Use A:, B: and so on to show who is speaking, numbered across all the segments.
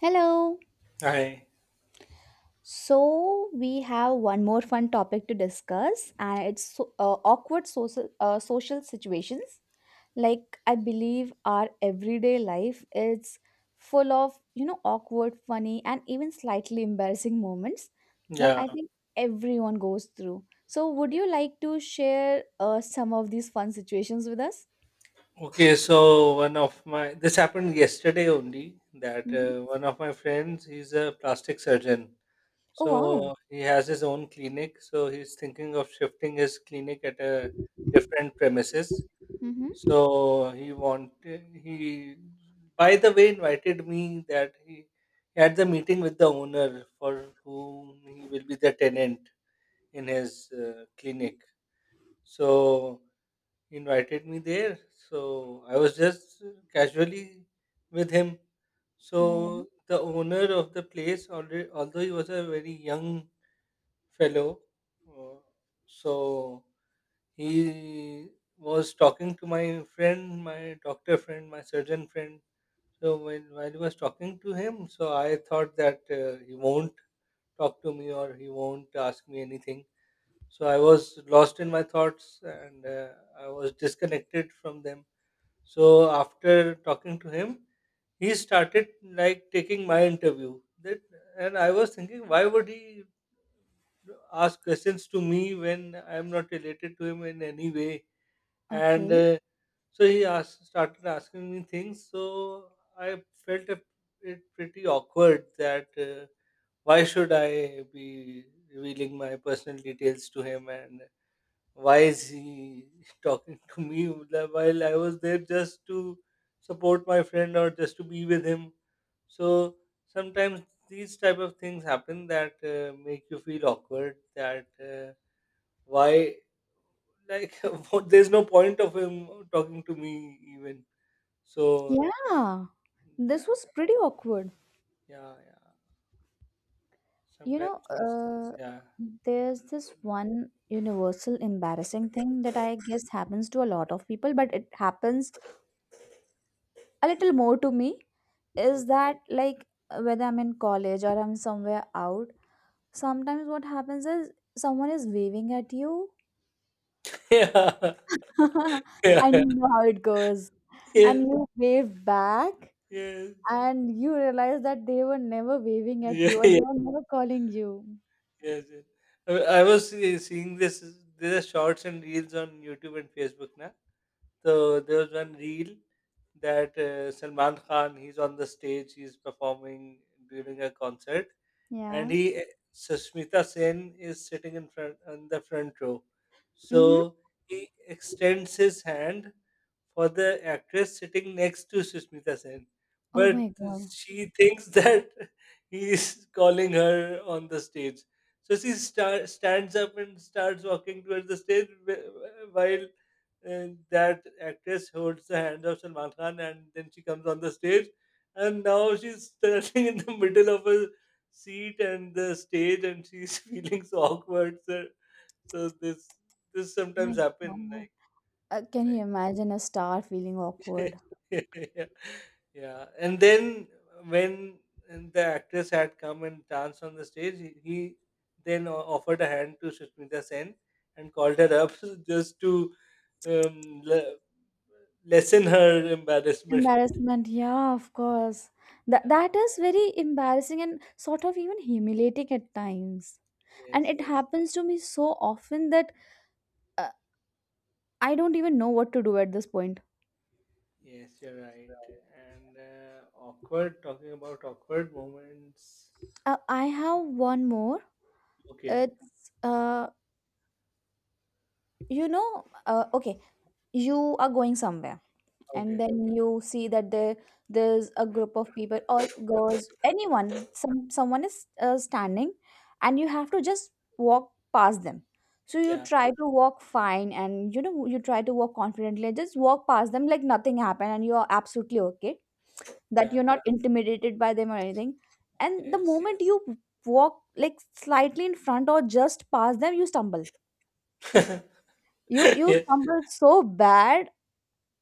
A: Hello.
B: Hi.
A: So we have one more fun topic to discuss, and it's awkward social situations. Like I believe our everyday life is full of awkward, funny, and even slightly embarrassing moments that
B: Yeah.
A: I think everyone goes through. So would you like to share some of these fun situations with us?
B: Okay. So one of my this happened yesterday only that
A: Hmm.
B: one of my friends he's a plastic surgeon.
A: Oh wow.
B: So he has his own clinic. So he's thinking of shifting his clinic at a different premises.
A: Mm-hmm.
B: So he by the way invited me that he had the meeting with the owner for whom he will be the tenant in his clinic. So invited me there. So I was just casually with him.
A: Yeah.
B: So the owner of the place, already, although he was a very young fellow, uh, so he was talking to my friend, my doctor friend, my surgeon friend. So when while he was talking to him, so I thought that he won't talk to me or he won't ask me anything. So I was lost in my thoughts and I was disconnected from them. So after talking to him, he started like taking my interview. That And I was thinking, why would he ask questions to me when I am not related to him in any way? And
A: Okay.
B: so started asking me things. So I felt it pretty awkward that why should I be revealing my personal details to him, and why is he talking to me, like, while I was there just to support my friend or just to be with him? So sometimes these type of things happen that make you feel awkward. That why, like, what, there's no point of him talking to me even. So
A: Yeah, this
B: that,
A: was pretty awkward.
B: yeah, yeah.
A: You
B: Sometimes
A: know,
B: things,
A: uh,
B: yeah.
A: there's this one universal embarrassing thing that I guess happens to a lot of people, but it happens a little more to me. Is
B: Okay.
A: that like whether I'm in college or I'm somewhere out, sometimes what happens is someone is waving at you,
B: Yeah,
A: and
B: yeah,
A: you know how it goes,
B: yeah.
A: and
B: Yes,
A: you wave back,
B: yes.
A: and you realize that they were never waving at
B: Yeah,
A: you or they
B: yeah,
A: were never calling you.
B: yes, yes. I I was seeing this. There are shorts and reels on YouTube and Facebook now. So there was one reel that Salman Khan, he's on the stage, he's performing during a concert, and
A: Yeah.
B: he Sushmita Sen is sitting in front on the front row. So
A: Mm-hmm.
B: he extends his hand for the actress sitting next to Sushmita Sen,
A: Oh
B: but
A: my God.
B: she thinks that he is calling her on the stage. So she stands up and starts walking towards the stage while that actress holds the hand of Salman Khan and then she comes on the stage, and now she's standing in the middle of a seat and the stage, and she's feeling so awkward. So this
A: My
B: sometimes happen,
A: God. Can you imagine a star feeling
B: like
A: awkward?
B: yeah, yeah. And then when and the actress had come and danced on the stage, he then offered a hand to Sushmita Sen and called her up just to um, le- lessen her embarrassment.
A: Embarrassment, yeah, of course. That
B: Yeah,
A: that is very embarrassing and sort of even humiliating at times. And
B: yes.
A: it happens to me so often that uh, I don't even know what to do at this point.
B: Yes, you're right. And awkward, talking about awkward moments.
A: I have one more.
B: Okay,
A: It's uh, you know, okay, you are going somewhere and
B: okay.
A: then you see that there's a group of people or girls, anyone, someone is standing and you have to just walk past them, so you
B: Yeah,
A: try to walk fine and, you know, you try to walk confidently and just walk past them like nothing happened and you are absolutely okay, that
B: yeah,
A: you're not intimidated by them or anything, and the
B: yes.
A: moment you walk like slightly in front or just past them, you stumble, you
B: Ye-
A: stumble so bad,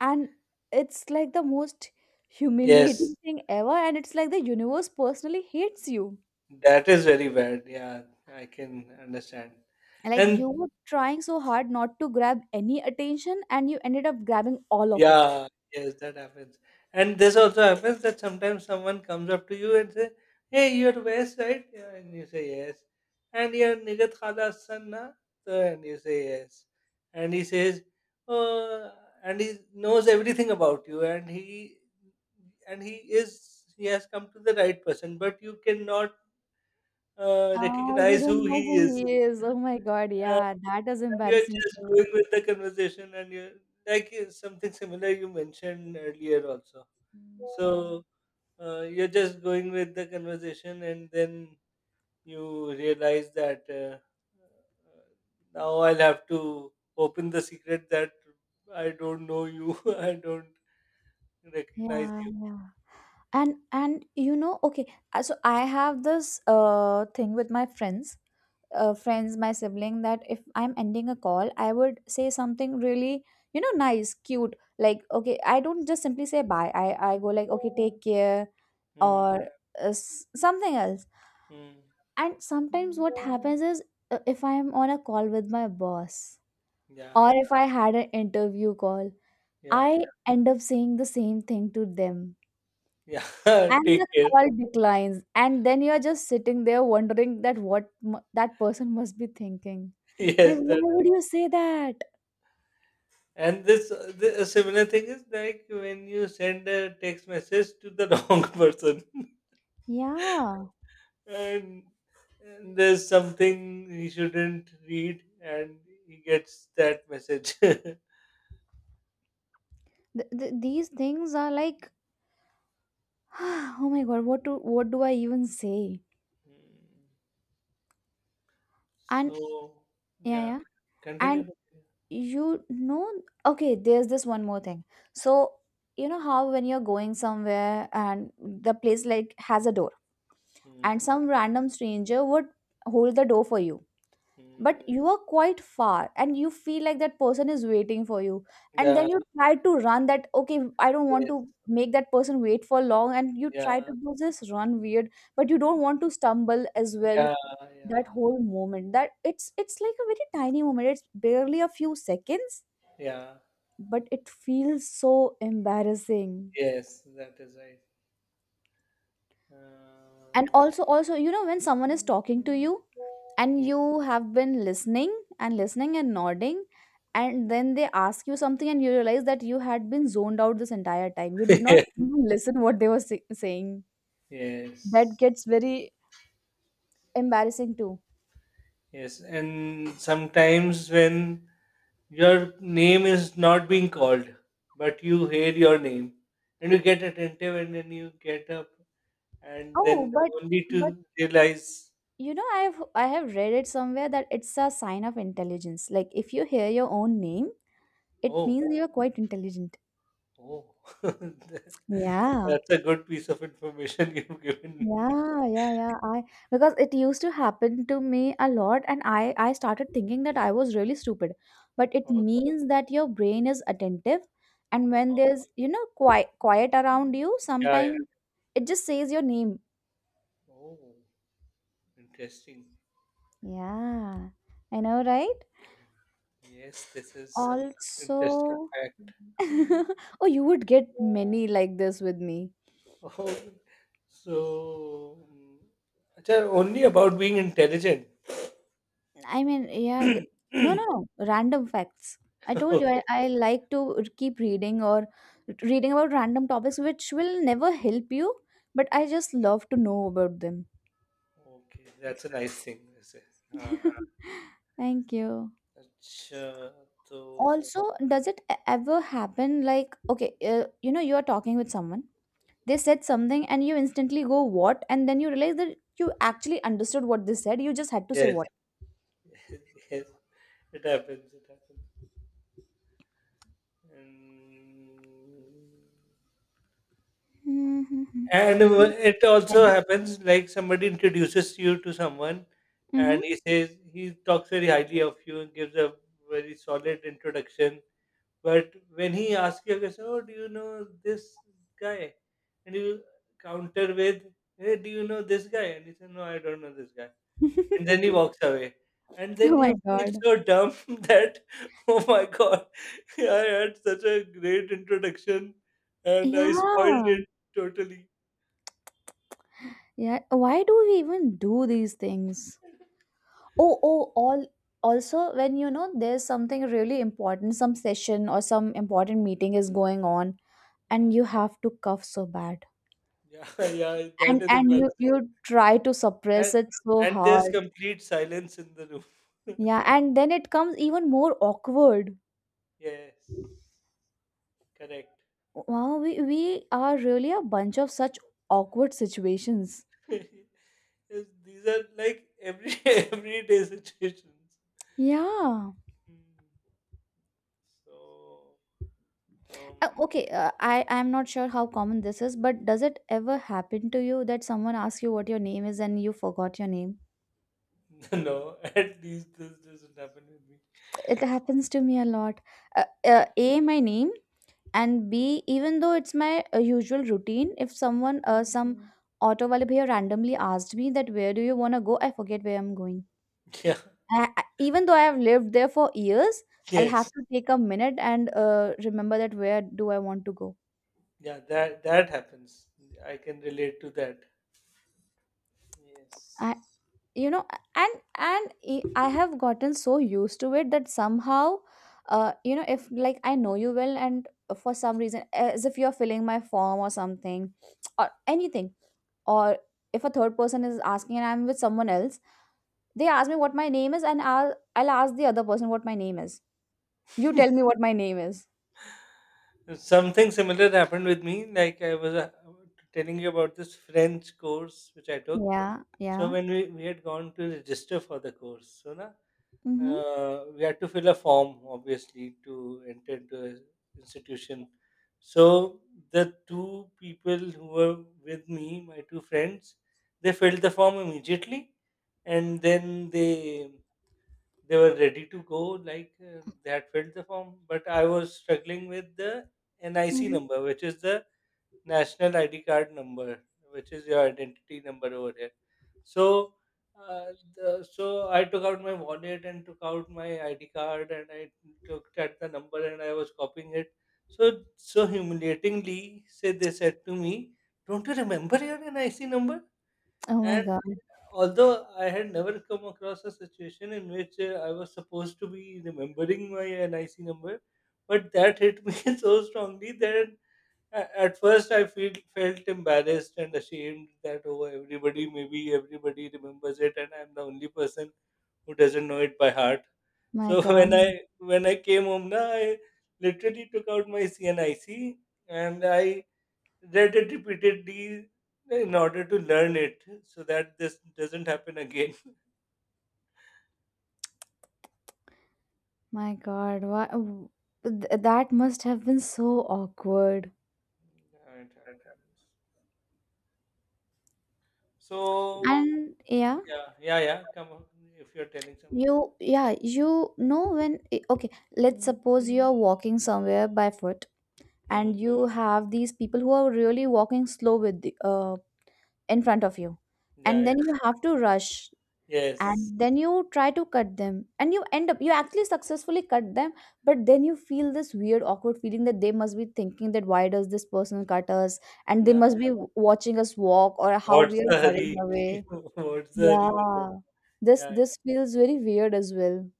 A: and it's like the most humiliating
B: yes,
A: thing ever, and it's like the universe personally hates you,
B: that is very bad. Yeah, I can understand.
A: like you
B: And
A: were trying so hard not to grab any attention and you ended up grabbing all of it.
B: Yeah, yes, that happens. And this also happens that sometimes someone comes up to you and say, "Hey, you're West, right?" Yeah, and you say yes. And you're Nigat Khala's son, na? So, and you say yes. And he says, "Oh," and he knows everything about you, and he is he has come to the right person, but you cannot
A: Ah, you
B: recognize
A: don't
B: who he
A: know who
B: is.
A: he is, oh my god,
B: And
A: yeah, that is
B: you're
A: embarrassing
B: just
A: too.
B: going with the conversation, and you're like, something similar you mentioned earlier also. So you're just going with the conversation, and then you realize that uh, now I'll have to open the secret that I don't know you, I don't recognize
A: Yeah,
B: you.
A: yeah, and you know, okay, so I have this thing with my friends, friends, my sibling, that if I'm ending a call, I would say something really, you know, nice, cute. Like, okay, I don't just simply say bye. I go like, okay, take care
B: Mm,
A: or something else.
B: mm,
A: And sometimes what happens is, if I'm on a call with my boss
B: yeah,
A: or if I had an interview call,
B: yeah,
A: I end up saying the same thing to them.
B: yeah.
A: And
B: Take
A: the
B: care.
A: call declines, and then you're just sitting there wondering that that person must be thinking. Like,
B: Yes.
A: why would you say that?
B: And this, a similar thing is like when you send a text message to the wrong person,
A: Yeah,
B: and, and there's something he shouldn't read, and he gets that message.
A: these things are like, oh my god, what do I even say?
B: Hmm.
A: And
B: So
A: yeah,
B: yeah,
A: yeah, and
B: continue.
A: you know, okay, there's this one more thing. So you know how when you're going somewhere and the place like has a door,
B: Hmm.
A: and some random stranger would hold the door for you,
B: Hmm.
A: but you are quite far and you feel like that person is waiting for you, and
B: Yeah.
A: then you try to run, that okay, I don't want
B: Yes.
A: to make that person wait for long, and you try
B: Yeah.
A: to do this run weird, but you don't want to stumble as well,
B: Yeah.
A: that
B: Yeah.
A: whole moment, that it's like a very tiny moment, it's barely a few seconds,
B: Yeah.
A: but it feels so embarrassing.
B: Yes. That is right.
A: And
B: Uh,
A: also, you know, when someone is talking to you and you have been listening and listening and nodding, and then they ask you something and you realize that you had been zoned out this entire time, you did not even listen what they were saying. That
B: yes.
A: gets very embarrassing too.
B: Yes, and sometimes when your name is not being called, but you hear your name and you get attentive and then you get up, and
A: Oh,
B: then you only
A: but
B: to realize.
A: you know, I have read it somewhere that it's a sign of intelligence, like if you hear your own name, it
B: Oh.
A: means you're quite intelligent.
B: Oh. That's
A: Yeah.
B: a good piece of information you've given me.
A: Yeah, yeah, yeah. I Because it used to happen to me a lot, and I started thinking that I was really stupid. But it
B: Okay.
A: means that your brain is attentive, and when
B: Wow.
A: there's, you know, quiet around you,
B: Yeah, yeah.
A: sometimes it just says your name.
B: Oh, interesting.
A: Yeah, I know, right?
B: Yes, this is some interesting
A: Also,
B: fact.
A: oh, you would get many like this with me.
B: Oh, so, mm, acha, only about being intelligent.
A: I mean, yeah. No, no, no. Random facts. I told you I like to keep reading or reading about random topics which will never help you, but I just love to know about them.
B: Okay, that's a nice thing, I say. Uh,
A: Thank you.
B: अच्छा, so
A: Also, does it ever happen like, okay, you know, you are talking with someone, they said something, and you instantly go, what? And then you realize that you actually understood what they said, you just had to say
B: yes,
A: what.
B: yes, it happens. It happens. and
A: Mm-hmm.
B: and it also happens like somebody introduces you to someone,
A: Mm-hmm.
B: and he says, he talks very highly of you and gives a very solid introduction. But when he asks you, I say, "Oh, do you know this guy?" And you counter with, "Hey, do you know this guy?" And he says, "No, I don't know this guy." And then he walks away. And then
A: Oh
B: you
A: my
B: feel
A: god.
B: so dumb that, oh my god, I had such a great introduction and I spoiled
A: Yeah.
B: it totally.
A: Yeah, why do we even do these things? Oh, oh, all also when you know there's something really important, some session or some important meeting is going on, and
B: Yeah,
A: you have to cough so bad.
B: yeah, yeah, that
A: And
B: is embarrassing.
A: you try to suppress
B: And,
A: it so
B: and there's
A: hard.
B: complete silence in the room.
A: Yeah, and then it comes even more awkward.
B: Yes, correct.
A: Wow, we are really a bunch of such awkward situations.
B: Yes, these are like every everyday situations.
A: Yeah.
B: Mm. So, um,
A: Okay, I'm not sure how common this is, but does it ever happen to you that someone asks you what your name is and you forgot your name?
B: no, at least this doesn't happen with me.
A: It happens to me a lot. A, my name, and B, even though it's my usual routine, if someone, some Mm. auto wale bhaiya randomly asked me that where do you want to go, I forget where I'm going.
B: Yeah.
A: Even though I have lived there for years, I'll have
B: Yes.
A: to take a minute and remember that where do I want to go.
B: Yeah, that happens. I can relate to that. Yes.
A: I. You know, and I have gotten so used to it that somehow, you know, if like I know you well and for some reason as if you're filling my form or something or anything, or if a third person is asking and I'm with someone else, they ask me what my name is, and I'll ask the other person what my name is. You tell me what my name is.
B: Something similar happened with me. Like, I was telling you about this French course which I took.
A: Yeah,
B: So
A: yeah.
B: when we had gone to register for the course, so na,
A: Mm-hmm,
B: we had to fill a form obviously to enter into an institution. So the two people who were with me, my two friends, they filled the form immediately, and then they were ready to go. Like, they had filled the form, but I was struggling with the NIC
A: mm-hmm.
B: number, which is the national ID card number, which is your identity number over here. So, so I took out my wallet and took out my ID card, and I looked at the number and I was copying it. So, so humiliatingly, say, they said to me, "Don't you remember your NIC number?"
A: Oh my
B: And
A: god.
B: although I had never come across a situation in which I was supposed to be remembering my NIC number, but that hit me so strongly that at first, I felt embarrassed and ashamed that, oh, everybody, maybe everybody remembers it, and I'm the only person who doesn't know it by heart.
A: My
B: So
A: god.
B: when I came home, na, I literally took out my CNIC and I read it repeatedly in order to learn it, so that this doesn't happen again.
A: My god, what, that must have been so awkward.
B: Yeah, it happens. So
A: And yeah,
B: yeah, yeah, yeah. Come on, if you're telling someone.
A: you yeah, you know, when okay, let's suppose you're walking somewhere by foot, and
B: Hmm.
A: you have these people who are really walking slow with the, in front of you,
B: Yeah,
A: and
B: yeah.
A: then you have to rush,
B: Yes.
A: and then you try to cut them, and you end up, you actually successfully cut them, but then you feel this weird awkward feeling that they must be thinking that why does this person cut us, and they
B: Yeah.
A: must be watching us walk or how we
B: What's
A: are
B: the
A: hurrying
B: hurry?
A: away.
B: What's the hurry with that?
A: Yeah. This
B: Yeah.
A: this feels very weird as well.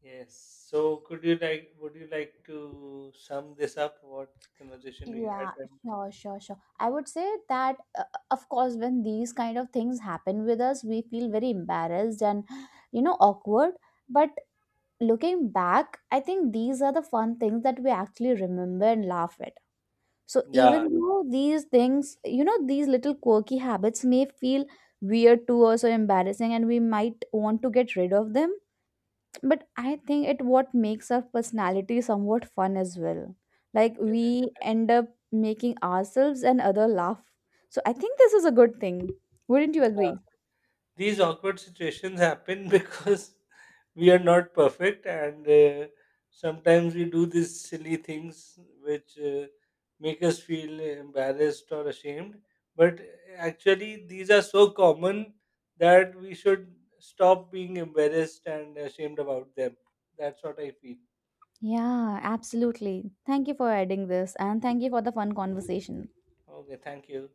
B: Yes. So, could you, like, would you like to sum this up? What conversation we had?
A: Yeah,
B: And
A: sure, sure, sure. I would say that, of course, when these kind of things happen with us, we feel very embarrassed and, you know, awkward. But looking back, I think these are the fun things that we actually remember and laugh at. So
B: yeah.
A: even though these things, you know, these little quirky habits may feel weird to us or embarrassing, and we might want to get rid of them, but I think it what makes our personality somewhat fun as well, like
B: Yeah.
A: we end up making ourselves and other laugh, so I think this is a good thing, wouldn't you
B: Yeah.
A: agree?
B: These awkward situations happen because we are not perfect and sometimes we do these silly things which make us feel embarrassed or ashamed, but actually these are so common that we should stop being embarrassed and ashamed about them. That's what I feel.
A: Yeah, absolutely. Thank you for adding this and thank you for the fun conversation.
B: Okay, thank you.